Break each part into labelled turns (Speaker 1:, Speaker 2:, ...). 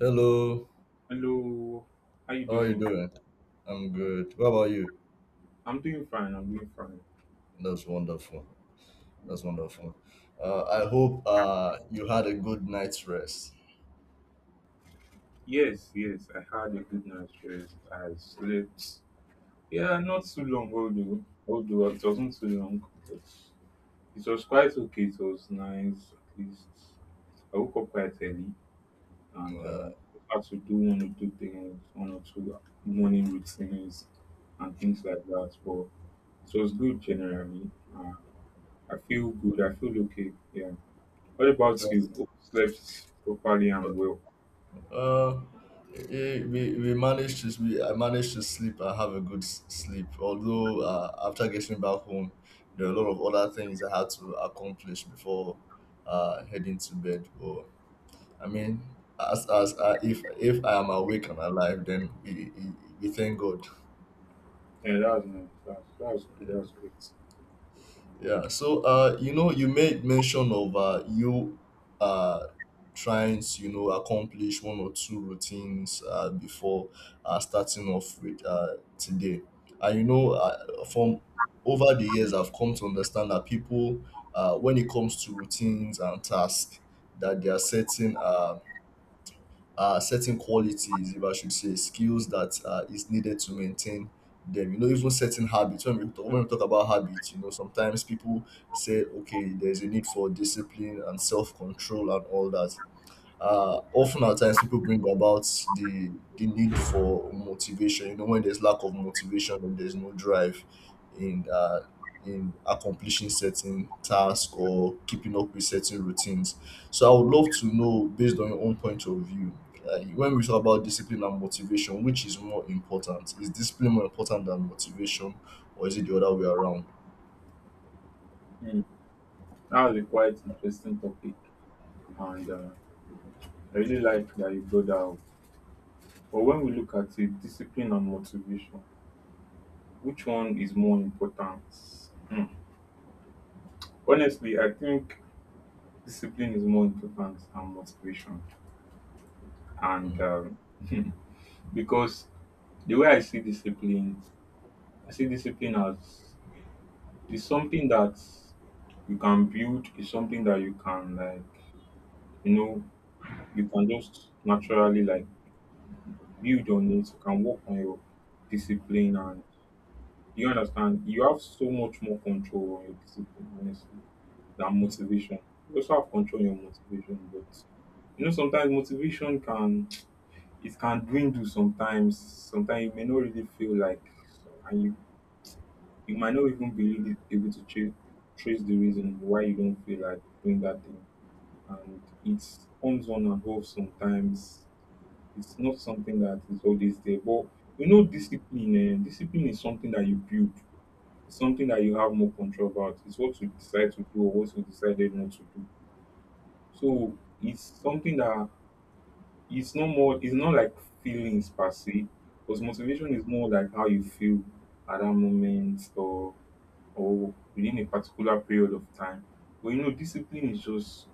Speaker 1: Hello,
Speaker 2: Hello, how you
Speaker 1: how are you
Speaker 2: doing?
Speaker 1: doing? I'm good. What about you?
Speaker 2: I'm doing fine. I'm doing fine.
Speaker 1: That's wonderful. That's wonderful. I hope you had a good night's rest.
Speaker 2: Yes, yes, I had a good night's rest. I slept. Yeah, not too long although it wasn't too long, but it was quite okay. It was nice. At least I woke up quite early and
Speaker 1: Uh,
Speaker 2: had to do one or two things, one or two morning routines and things like that. But it was good generally. I feel good. I feel okay. Yeah. What about
Speaker 1: that's,
Speaker 2: you? Hope you slept properly and well.
Speaker 1: uh, eh, we managed to we, I managed to sleep. I have a sleep. Although after getting back home, there are a lot of other things I had to accomplish before heading to bed. But I mean, as if I am awake and alive, then we thank God.
Speaker 2: Yeah, that's nice. That's good. That's great.
Speaker 1: Yeah. So, you know, you made mention of you uh, trying to, you know, accomplish one or two routines before starting off with today. And, you know, from over the years, I've come to understand that people, when it comes to routines and tasks, that they are setting certain qualities, if I should say, skills that is needed to maintain them. You know, even certain habits. When we talk about habits, you know, sometimes people say, okay, there's a need for discipline and self control and all that often at times people bring about the the need for motivation. You know, when there's lack of motivation and there's no drive in uh, in accomplishing certain tasks or keeping up with certain routines. So I would love to know, based on your own point of view, when we talk about discipline and motivation, which is more important? Is discipline more important than motivation, or is it the other way around?
Speaker 2: Mm. That was a quite interesting topic, and I really like that you brought that up. But when we look at it, discipline and motivation, which one is more important? Hmm. Honestly, I think discipline is more important than motivation, and because the way I see discipline as it's something that you can build, it's something that you can like, you know, you can just naturally like build on it, you can work on your discipline, and you understand you have so much more control on your discipline, honestly, than motivation. You also have control on your motivation, but you know, sometimes motivation can, it can dwindle sometimes. Sometimes you may not really feel like, and you might not even be really able to trace the reason why you don't feel like doing that thing. And it's comes on and off sometimes. It's not something that is always there. But you know, discipline, discipline is something that you build. It's something that you have more control about. It's what you decide to do or what you decided not to do. So it's something that it's not more. It's not like feelings per se, because motivation is more like how you feel at that moment, or within a particular period of time. But you know, discipline is just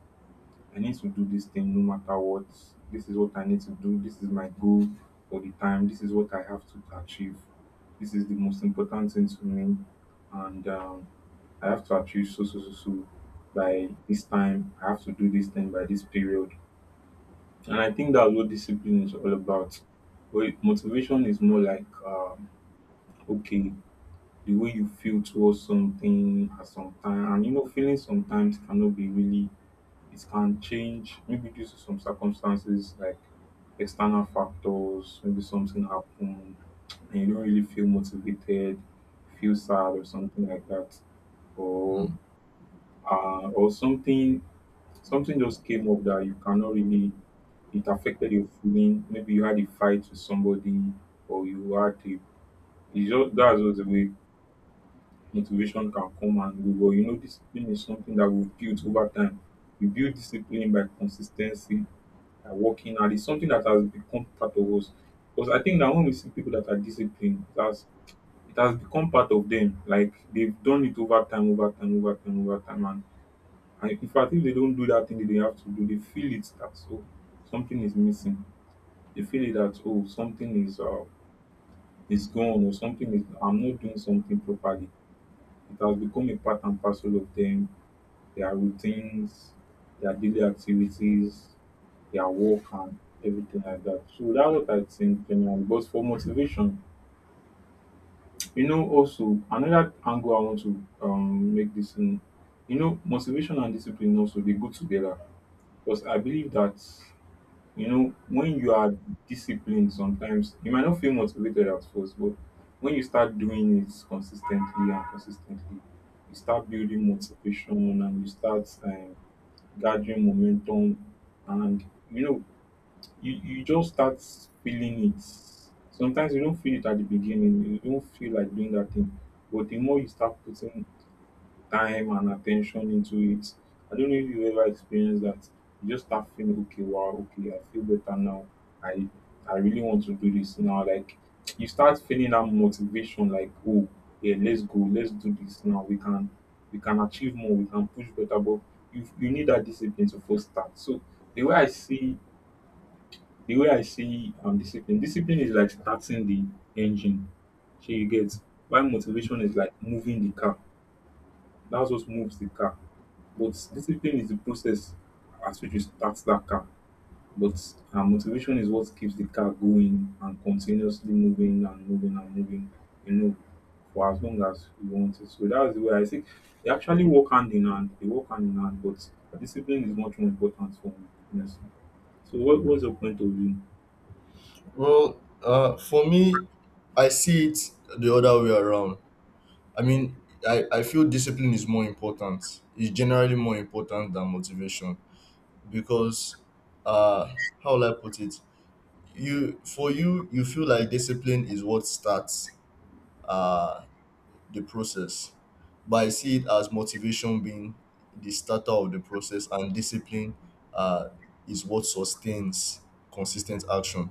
Speaker 2: I need to do this thing no matter what. This is what I need to do. This is my goal for the time. This is what I have to achieve. This is the most important thing to me. And I have to achieve so, so, so, so by this time. I have to do this thing by this period. And I think that's what discipline is all about. Well, motivation is more like, okay, the way you feel towards something at some time. And you know, feelings sometimes cannot be really, it can change maybe due to some circumstances like external factors, maybe something happened and you don't really feel motivated, feel sad or something like that. Or
Speaker 1: Mm.
Speaker 2: uh, or something something just came up that you cannot really, it affected your feeling. Maybe you had a fight with somebody or you had a, it's just that's just the way motivation can come and go. But you know, discipline is something that we've built over time. We build discipline by consistency, by working hard. It's something that has become part of us. Because I think that when we see people that are disciplined, it has become part of them. Like they've done it over time, over time, over time, over time. And in fact, if they don't do that thing that they have to do, they feel it that so something is missing. They feel it that oh, something is gone, or something is I'm not doing something properly. It has become a part and parcel of them, their routines, their daily activities, their work, and everything like that. So that's what I think generally. But for motivation, you know, also another angle I want to make this in, you know, motivation and discipline also they go together. Because I believe that you know, when you are disciplined, sometimes you might not feel motivated at first, but when you start doing it consistently and consistently, you start building motivation, and you start gathering momentum, and you know, you just start feeling it. Sometimes you don't feel it at the beginning, you don't feel like doing that thing, but the more you start putting time and attention into it. I don't know if you ever experienced that. You just start feeling okay, wow, okay, I feel better now. I I really want to do this now. Like you start feeling that motivation, like, oh yeah, let's go, let's do this now. We can achieve more, we can push better, but you need that discipline to first start. So the way I see the way I see discipline, discipline is like starting the engine. So you get why motivation is like moving the car. That's what moves the car, but discipline is the process as which you start that car. But motivation is what keeps the car going and continuously moving and moving and moving, you know, for as long as you want it. So that's the way I think they actually work hand in hand. They work hand in hand, but discipline is much more important for me, honestly. So what was your point of view?
Speaker 1: Well, for me, I see it the other way around. I mean, I feel discipline is more important. It's generally more important than motivation because, uh, how will I put it? You, you feel like discipline is what starts uh the process, but I see it as motivation being the starter of the process, and discipline uh is what sustains consistent action.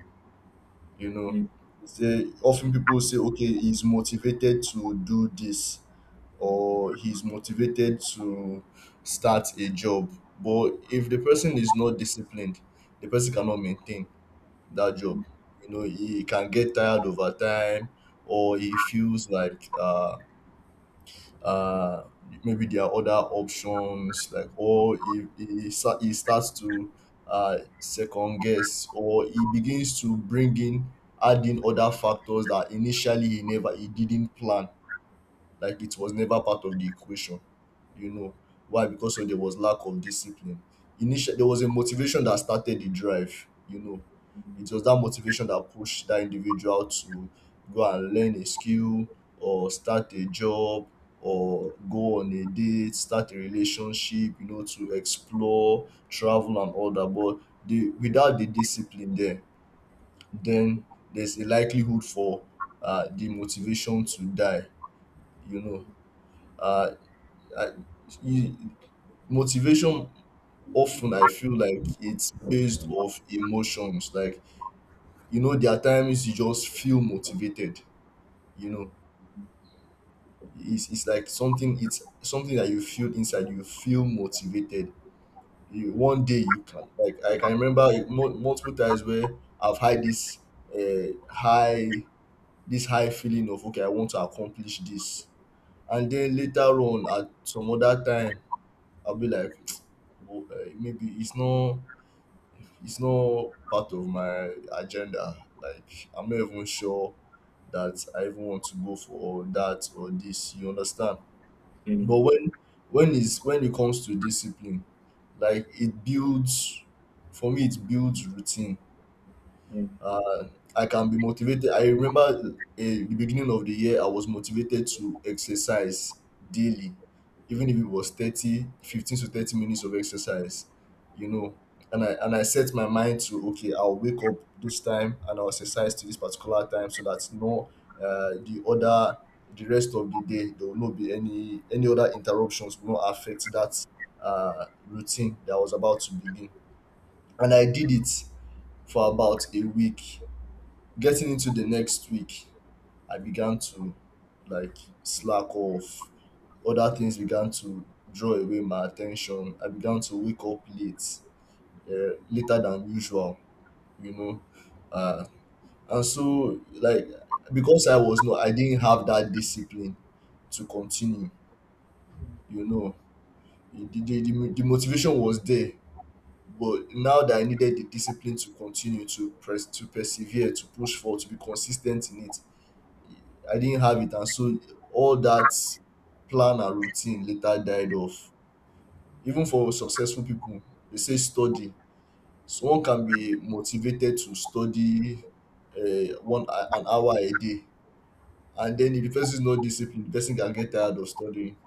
Speaker 1: You know,
Speaker 2: Mm,
Speaker 1: often people say, okay, he's motivated to do this or he's motivated to start a job. But if the person is not disciplined, the person cannot maintain that job. You know, he can get tired over time, or he feels like uh, maybe there are other options, like, or he starts to second guess, or he begins to bring in, add in other factors that initially he didn't plan, like it was never part of the equation. You know why? Because of there was lack of discipline. Initially, there was a motivation that started the drive. You know, it was that motivation that pushed that individual to go and learn a skill or start a job or go on a date, start a relationship, you know, to explore, travel, and all that. But without the discipline there, then there's a likelihood for the motivation to die. You know, uh, I, you, motivation, often I feel like it's based off emotions. Like you know, there are times you just feel motivated. You know, it's like something. It's something that you feel inside. You feel motivated. One day you can like I can remember it multiple times where I've had this high this high feeling of okay I want to accomplish this, and then later on at some other time I'll be like. Maybe it's not part of my agenda. Like I'm not even sure that I even want to go for that or this. You understand?
Speaker 2: mm,
Speaker 1: But when it comes to discipline, like it builds for me it builds routine.
Speaker 2: mm,
Speaker 1: Uh, I can be motivated. I remember the beginning of the year, I was motivated to exercise daily, even if it was 15 to 30 minutes of exercise, you know. And I set my mind to, okay, I'll wake up this time and I'll exercise to this particular time so that no, uh, the other, the rest of the day, there will not be any other interruptions will not affect that routine that I was about to begin. And I did it for about a week. Getting into the next week, I began to like slack off. Other things began to draw away my attention. I began to wake up late, later than usual, you know. Uh, and so, like, because I was not, I didn't have that discipline to continue, you know. The motivation was there, but now that I needed the discipline to continue to press, to persevere, to be consistent in it, I didn't have it and so all that plan and routine later died off. Even for successful people, they say study. Someone can be motivated to study one an hour a day, and then if the person is not disciplined the person can get tired of studying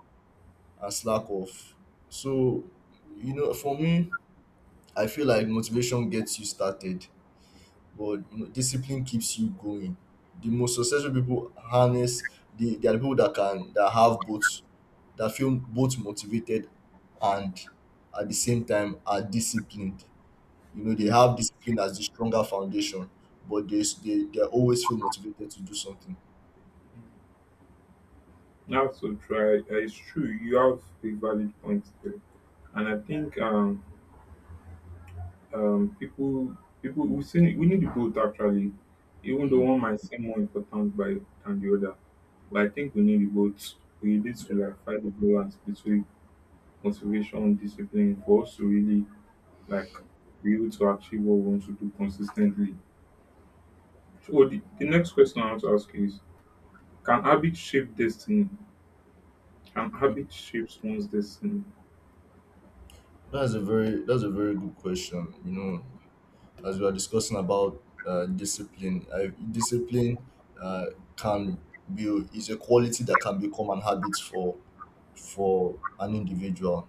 Speaker 1: and slack off. So you know, for me, I feel like motivation gets you started, but you know, discipline keeps you going. The most successful people harness they are the people that can that have both, that feel both motivated and at the same time are disciplined. You know, they
Speaker 2: mm.
Speaker 1: have discipline as the stronger foundation, but they always feel motivated to do something.
Speaker 2: That's so true. It's true. You have a valid point there. And I think um people people, we still need, we need both actually, even though
Speaker 1: Mm.
Speaker 2: one might seem more important by than the other, but I think we need both. We need to like fight the balance between motivation and discipline for us to really like be able to achieve what we want to do consistently. So the next question I want to ask is can habit shape destiny, can
Speaker 1: Mm.
Speaker 2: habit shapes one's destiny?
Speaker 1: That's a very good question. You know, as we are discussing about discipline uh, can be is a quality that can become an habit for an individual.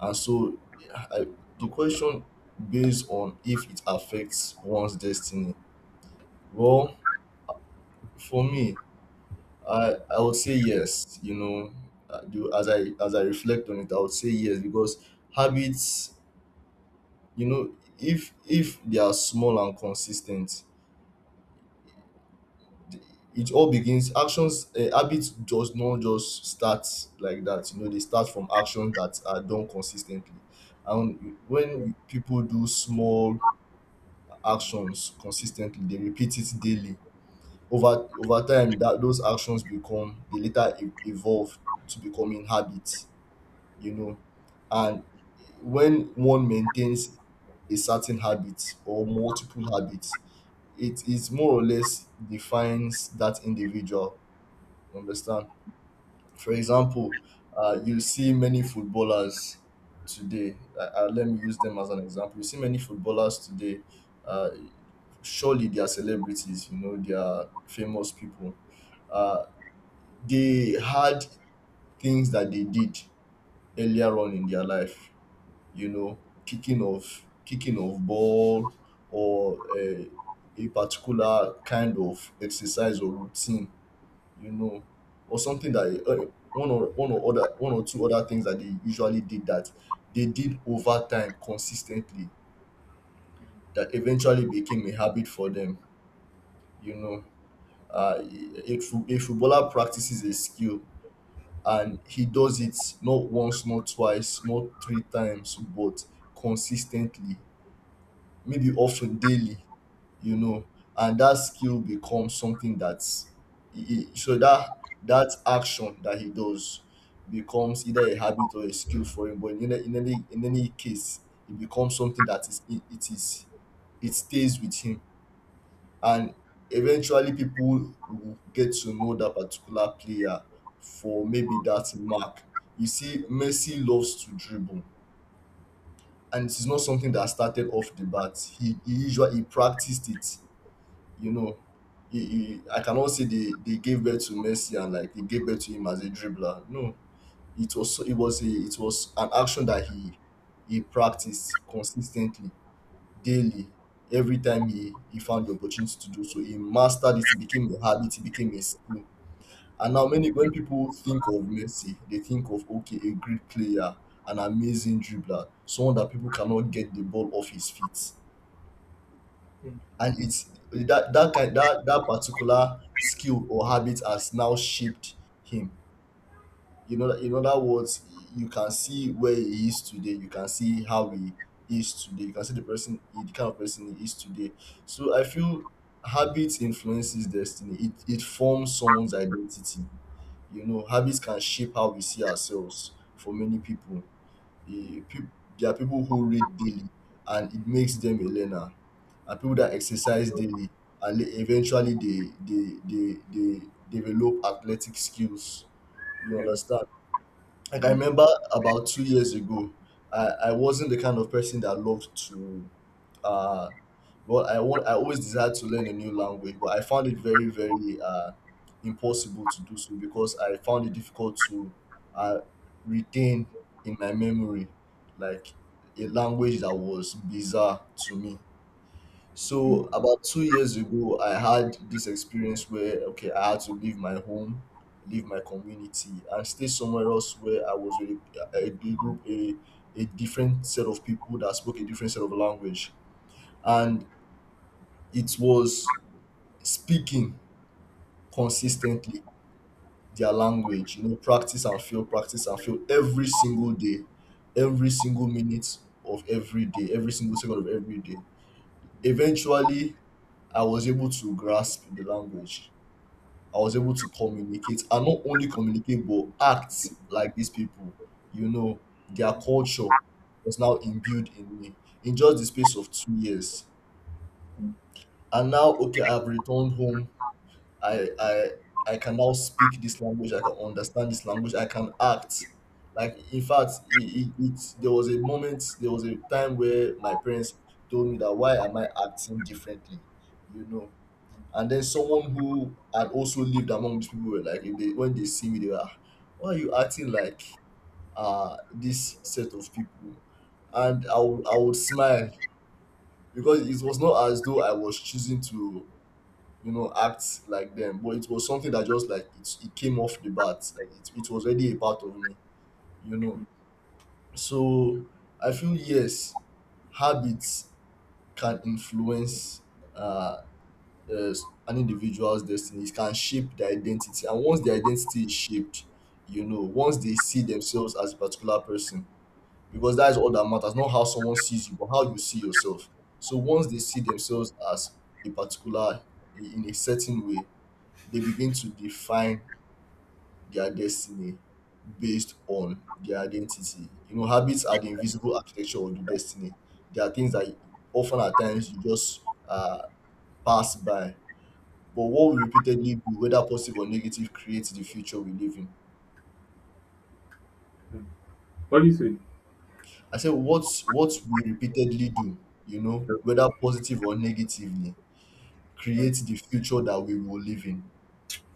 Speaker 1: And so, I, the question based on if it affects one's destiny. Well, for me, I would say yes. You know, as I reflect on it, I would say yes because habits. You know, if they are small and consistent, it all begins actions. Habits just not just start like that, you know, they start from actions that are done consistently, and when people do small actions consistently they repeat it daily over time, that those actions become, they later evolve to becoming habits, you know. And when one maintains a certain habit or multiple habits, it is more or less defines that individual, understand. For example, you see many footballers today. Let me use them as an example. You see many footballers today. Uh, surely they are celebrities. You know, they are famous people. Uh, they had things that they did earlier on in their life. You know, kicking of ball or a particular kind of exercise or routine, you know, or something that one or two other things that they usually did, that they did over time consistently, that eventually became a habit for them. You know, uh, a footballer practices a skill and he does it not once, not twice, not three times, but consistently, maybe often daily, you know. And that skill becomes something that's so that that action that he does becomes either a habit or a skill for him, but in any case it becomes something that is it is, it stays with him, and eventually people will get to know that particular player for maybe that mark. You see Messi loves to dribble, and it is not something that started off the bat. He practiced it, you know. I cannot say they gave birth to Messi and like they gave birth to him as a dribbler. No, it was an action that he practiced consistently, daily, every time he found the opportunity to do so. He mastered it, it became a habit, it became a skill. And now many when people think of Messi, they think of okay, a great player, an amazing dribbler, someone that people cannot get the ball off his feet, and it's that that kind that that particular skill or habit has now shaped him, you know. In other words, you can see where he is today, you can see how he is today, you can see the person, the kind of person he is today. So I feel habit influences destiny, it forms someone's identity. You know, habits can shape how we see ourselves. For many people, e, peop- there are people who read daily and it makes them a learner, and people that exercise daily and eventually they develop athletic skills, you
Speaker 2: Yeah,
Speaker 1: understand. Like I
Speaker 2: yeah,
Speaker 1: remember about 2 years ago, I wasn't the kind of person that loved to uh well, I always desired to learn a new language, but I found it very, very impossible to do so because I found it difficult to uh retain in my memory like a language that was bizarre to me.
Speaker 2: mm,
Speaker 1: So about 2 years ago, I had this experience where okay, I had to leave my home, leave my community, and stay somewhere else where I was with a group, a different set of people that spoke a different set of language, and it was speaking consistently their language. You know, practice and fail every single day, every single minute of every day, every single second of every day. Eventually, I was able to grasp the language. I was able to communicate and not only communicate but act like these people. You know, their culture was now imbued in me in just the space of 2 years.
Speaker 2: mm,
Speaker 1: And now, okay, I've returned home. I I can now speak this language. I can understand this language. I can act. Like in fact, it there was a moment, there was a time where my parents told me that why am I acting differently? You know, and then someone who had also lived among these people were like, if they, when they see me, they were, "Ah, why are you acting like this set of people?" And I would smile because it was not as though I was choosing to, you know, act like them, but it was something that just like it came off the bat. Like it was already a part of me, you know. So I feel, yes, habits can influence uh, uh, an individual's destiny. It can shape their identity, and once their identity is shaped, you know, once they see themselves as a particular person, because that is all that matters, not how someone sees you, but how you see yourself. So once they see themselves as a particular in a certain way, they begin to define their destiny based on their identity. You know, habits are the invisible architecture of the destiny. There are things that often at times you just uh, pass by, but what we repeatedly do, whether positive or negative, creates the future we live in.
Speaker 2: yeah. What do you say?
Speaker 1: I said what we repeatedly do, you know, whether positive or negatively,
Speaker 2: Yeah.
Speaker 1: creates the future that we will live in.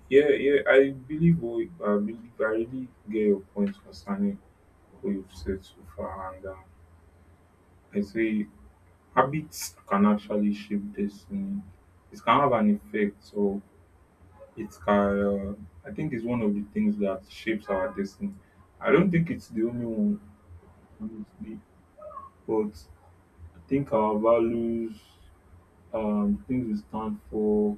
Speaker 2: Yeah, yeah, I believe we, I believe I really get your point concerning what you've said so far, and I say habits can actually shape destiny. It can have an effect, so it can. I think it's one of the things that shapes our destiny. I don't think it's the only one, honestly, but I think our values, things we stand for,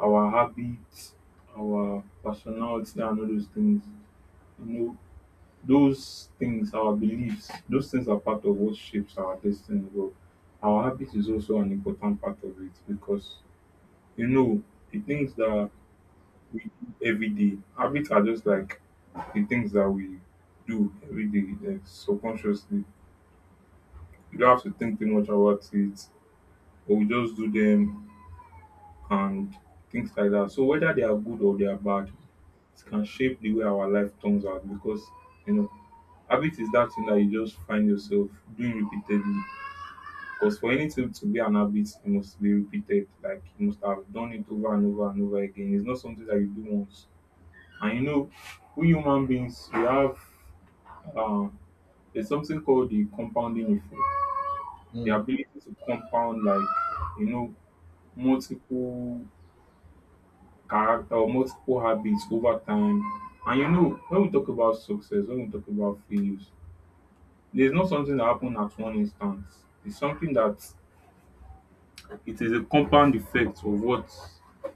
Speaker 2: our habits, our personality, and all those things. You know, those things, our beliefs, those things are part of what shapes our destiny. But our habit is also an important part of it, because you know the things that we do every day. Habits are just like the things that we do every day, like subconsciously. You don't have to think too much about it, but we just do them and things like that. So whether they are good or they are bad, it can shape the way our life turns out, because you know habit is that thing that you just find yourself doing repeatedly. Because for anything to be an habit, it must be repeated. Like you must have done it over and over and over again. It's not something that you do once. And you know, we human beings, we have um, there's something called the compounding effect. The
Speaker 1: Mm.
Speaker 2: ability to compound, like you know, multiple character or multiple habits over time. And you know, when we talk about success, when we talk about failures, there's not something that happened at one instance. It's something that it is a compound effect of what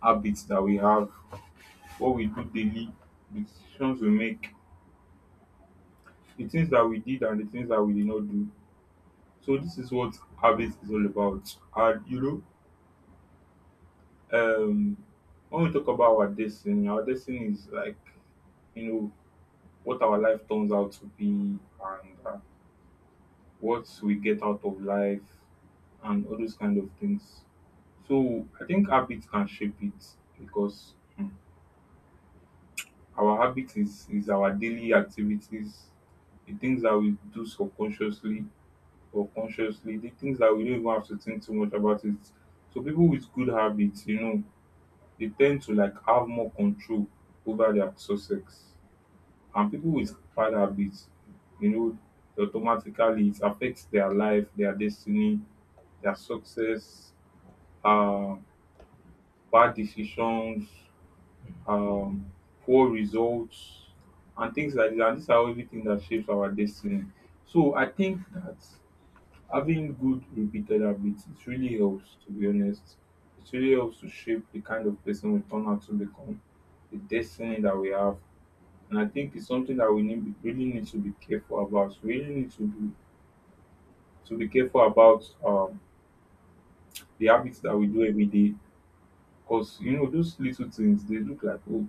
Speaker 2: habits that we have, what we do daily, the decisions we make, the things that we did and the things that we did not do. So this is what habits is all about. And you know, when we talk about our destiny is like, you know, what our life turns out to be, and what we get out of life and all those kind of things. So I think habits can shape it because hmm, our habit is our daily activities, the things that we do subconsciously or consciously, the things that we don't even have to think too much about it. So people with good habits, you know, they tend to like have more control over their success. And people with bad habits, you know, automatically it affects their life, their destiny, their success, uh, bad decisions, um, poor results, and things like that. These are everything that shapes our destiny. So I think that having good repeated habits it really helps. To be honest, it really helps to shape the kind of person we turn out to become, the destiny that we have, and I think it's something that we need really need to be careful about. We really need to be careful about the habits that we do every day, because you know those little things they look like oh,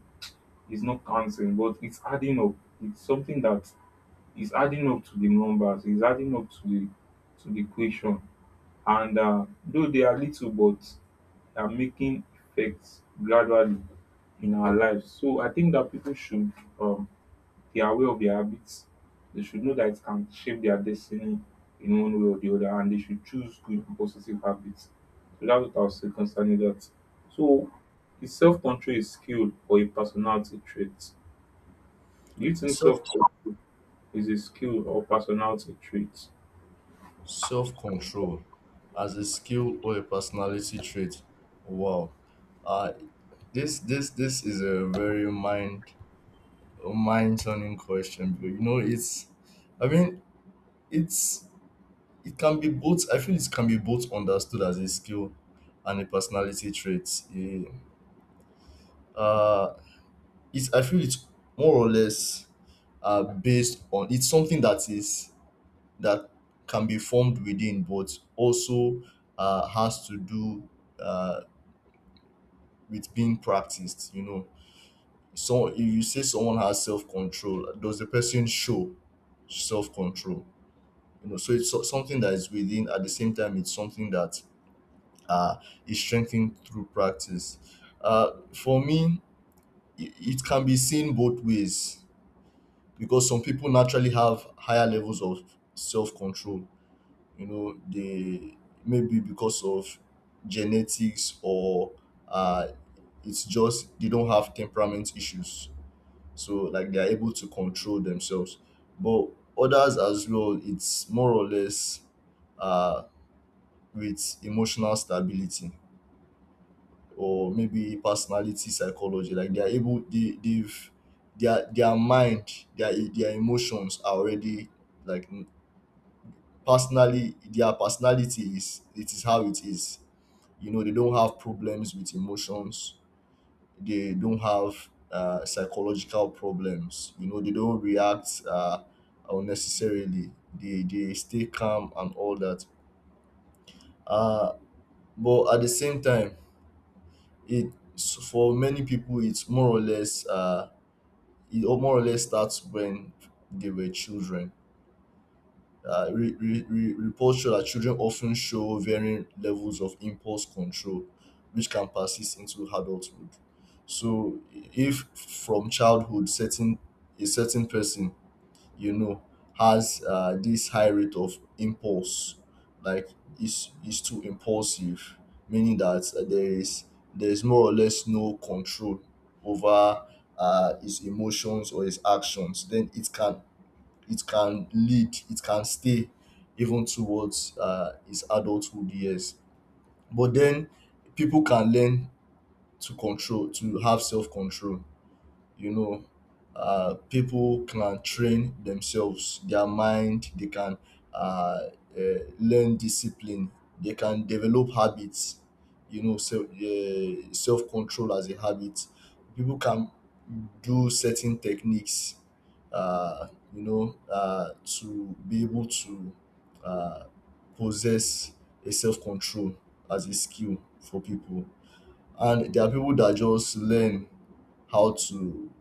Speaker 2: it's not counting, but it's adding up. It's something that is adding up to the numbers. It's adding up to the equation. And though they are little, but they are making effects gradually in our lives. So I think that people should um, they are aware of their habits. They should know that it can shape their destiny in one way or the other, and they should choose good and positive habits. So that's what I'll say concerning that. So, is self control a skill or a personality trait? Do you think
Speaker 1: Self
Speaker 2: self control is a skill or personality trait?
Speaker 1: self control as a skill or a personality trait. Wow. Uh this is a very mind turning question, but you know it's I mean it's it can be both. I feel it can be both understood as a skill and a personality trait. Yeah. Uh, I feel it's more or less based on it's something that is that can be formed within, but also has to do uh, with being practiced. You know, so if you say someone has self control, does the person show self control? You know, so it's something that is within. At the same time, it's something that uh, is strengthened through practice. For me, it can be seen both ways because some people naturally have higher levels of self control. You know, they maybe because of genetics or uh, it's just they don't have temperament issues. So, like, they are able to control themselves. But others as well, it's more or less uh, with emotional stability or maybe personality psychology like they are able they they've their mind their emotions are already like personally their personality is it is how it is. You know, they don't have problems with emotions, they don't have psychological problems. You know, they don't react unnecessarily, they stay calm and all that. uh but at the same time for many people it's more or less it all more or less starts when they were children. Reports show that children often show varying levels of impulse control, which can persist into adulthood. So, if from childhood, certain a certain person, you know, has this high rate of impulse, like is too impulsive, meaning that there is more or less no control over his emotions or his actions. Then it can stay even towards his adulthood years. But then people can learn to control, to have self control. You know, people can train themselves their mind, they can uh, learn discipline, they can develop habits, you know, self-control as a habit. People can do certain techniques, uh, you know, to be able to uh, possess a self-control as a skill for people. And there are people that just learn how to,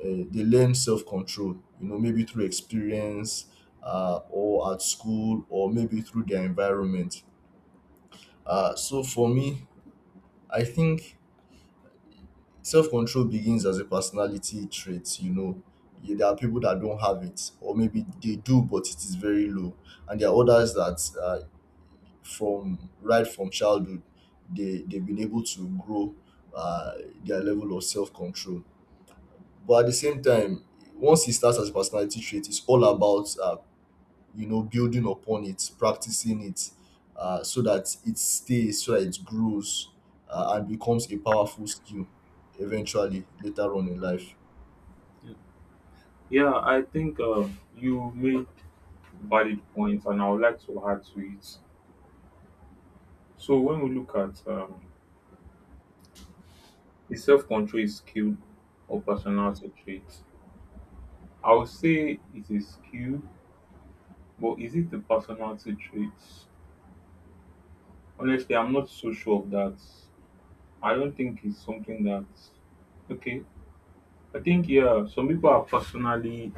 Speaker 1: they learn self-control, you know, maybe through experience, or at school or maybe through their environment. So for me, I think self-control begins as a personality trait. You know, yeah, there are people that don't have it, or maybe they do but it is very low, and there are others that, from right from childhood, they they've been able to grow uh, their level of self-control. But at the same time, once it starts as a personality trait, it's all about, you know, building upon it, practicing it, so that it stays, so that it grows, and becomes a powerful skill eventually later on in life.
Speaker 2: Yeah, I think you made valid points, and I would like to add to it. So when we look at is self control is skill or personality trait, I would say it's a skill, but is it the personality traits? Honestly, I'm not so sure of that. I don't think it's something that. Okay, I think yeah, some people are personally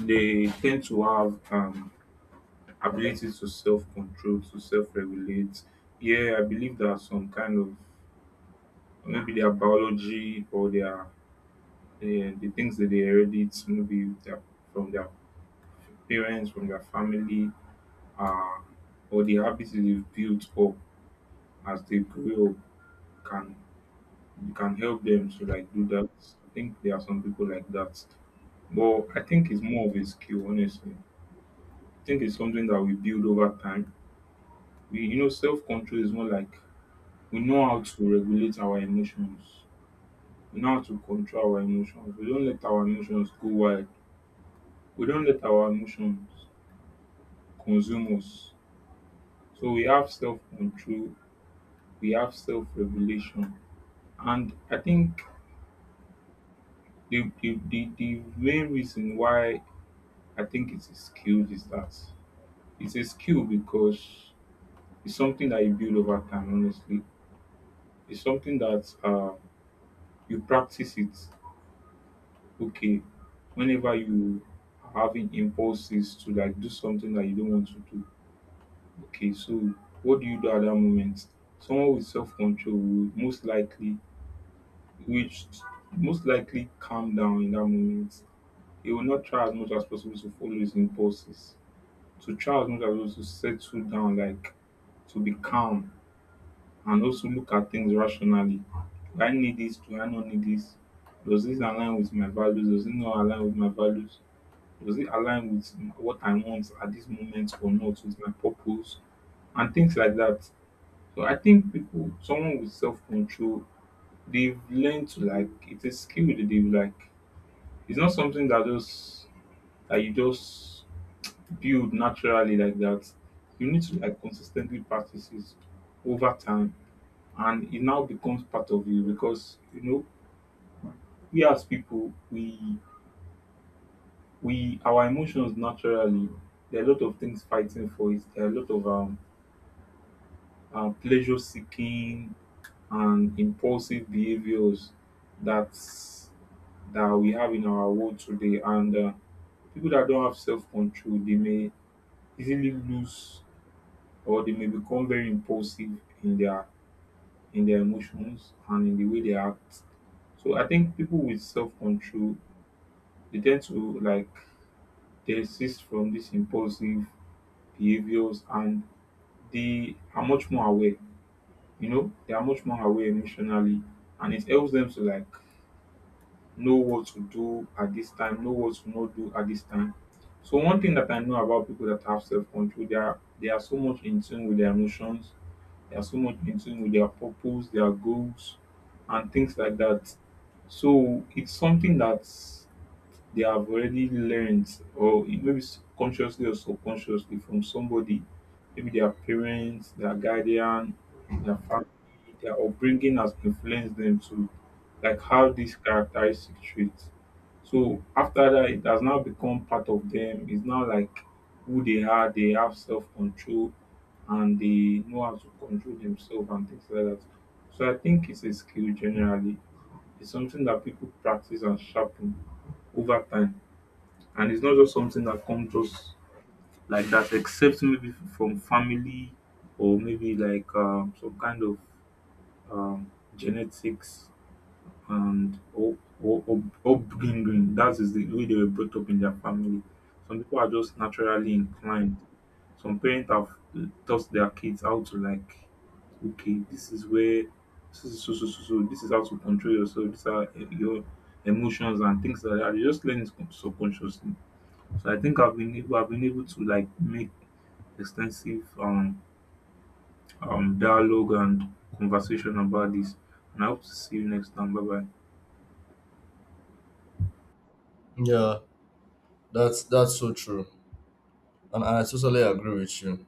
Speaker 2: they tend to have ability to self control, to self regulate. Yeah, I believe that some kind of maybe their biology or their the things that they inherit, maybe their, from their parents, from their family, uh, or the habits they've built up as they grow up can you can help them to like do that. I think there are some people like that. But I think it's more of a skill, honestly. I think it's something that we build over time. We you know self control is more like we know how to regulate our emotions. We know how to control our emotions. We don't let our emotions go wild. We don't let our emotions consume us. So we have self control, we have self regulation. And I think the main reason why I think it's a skill is that it's a skill because it's something that you build over time, honestly. It's something that you practice it. Okay, whenever you are having impulses to like do something that you don't want to do, okay, so what do you do at that moment? Someone with self control will most likely, which most likely calm down in that moment. He will not try as much as possible to follow his impulses. So child must have also settle down, like to be calm and also look at things rationally. Do I need this? Do I not need this? Does this align with my values? Does it not align with my values? Does it align with what I want at this moment or not with my purpose? And things like that. So I think people, someone with self control, they've learned to like it's a skill that they've like. It's not something that just that you just build naturally like that. You need to like consistently practice it over time and it now becomes part of you because you know we as people we our emotions naturally there are a lot of things fighting for it. There are a lot of pleasure seeking and impulsive behaviors that's that we have in our world today and people that don't have self-control they may easily lose or they may become very impulsive in their in their emotions and in the way they act. So I think people with self control they tend to like they desist from these impulsive behaviors and they are much more aware. You know, they are much more aware emotionally and it helps them to like know what to do at this time, know what to not do at this time. So one thing that I know about people that have self control, they are so much in tune with their emotions. They are so much in tune with their purpose, their goals, and things like that. So it's something that's they have already learned or maybe consciously or subconsciously from somebody maybe their parents, their guardian, their family, their upbringing has influenced them to like have these characteristic traits. So after that it has now become part of them, it's now like who they are, they have self-control and they know how to control themselves and things like that. So I think it's a skill generally, it's something that people practice and sharpen over time, and it's not just something that comes just like that, except maybe from family or maybe like some kind of genetics and or, or upbringing. That is the way they were brought up in their family. Some people are just naturally inclined. Some parents have taught their kids how to like, okay, this is where this is so so so so. This is how to control yourself. These are eh, your emotions and things like that. You just learn it subconsciously. So I think I've been able to like make extensive dialogue and conversation about this. And I hope to see you next time. Bye bye.
Speaker 1: Yeah, that's so true, and I totally agree with you.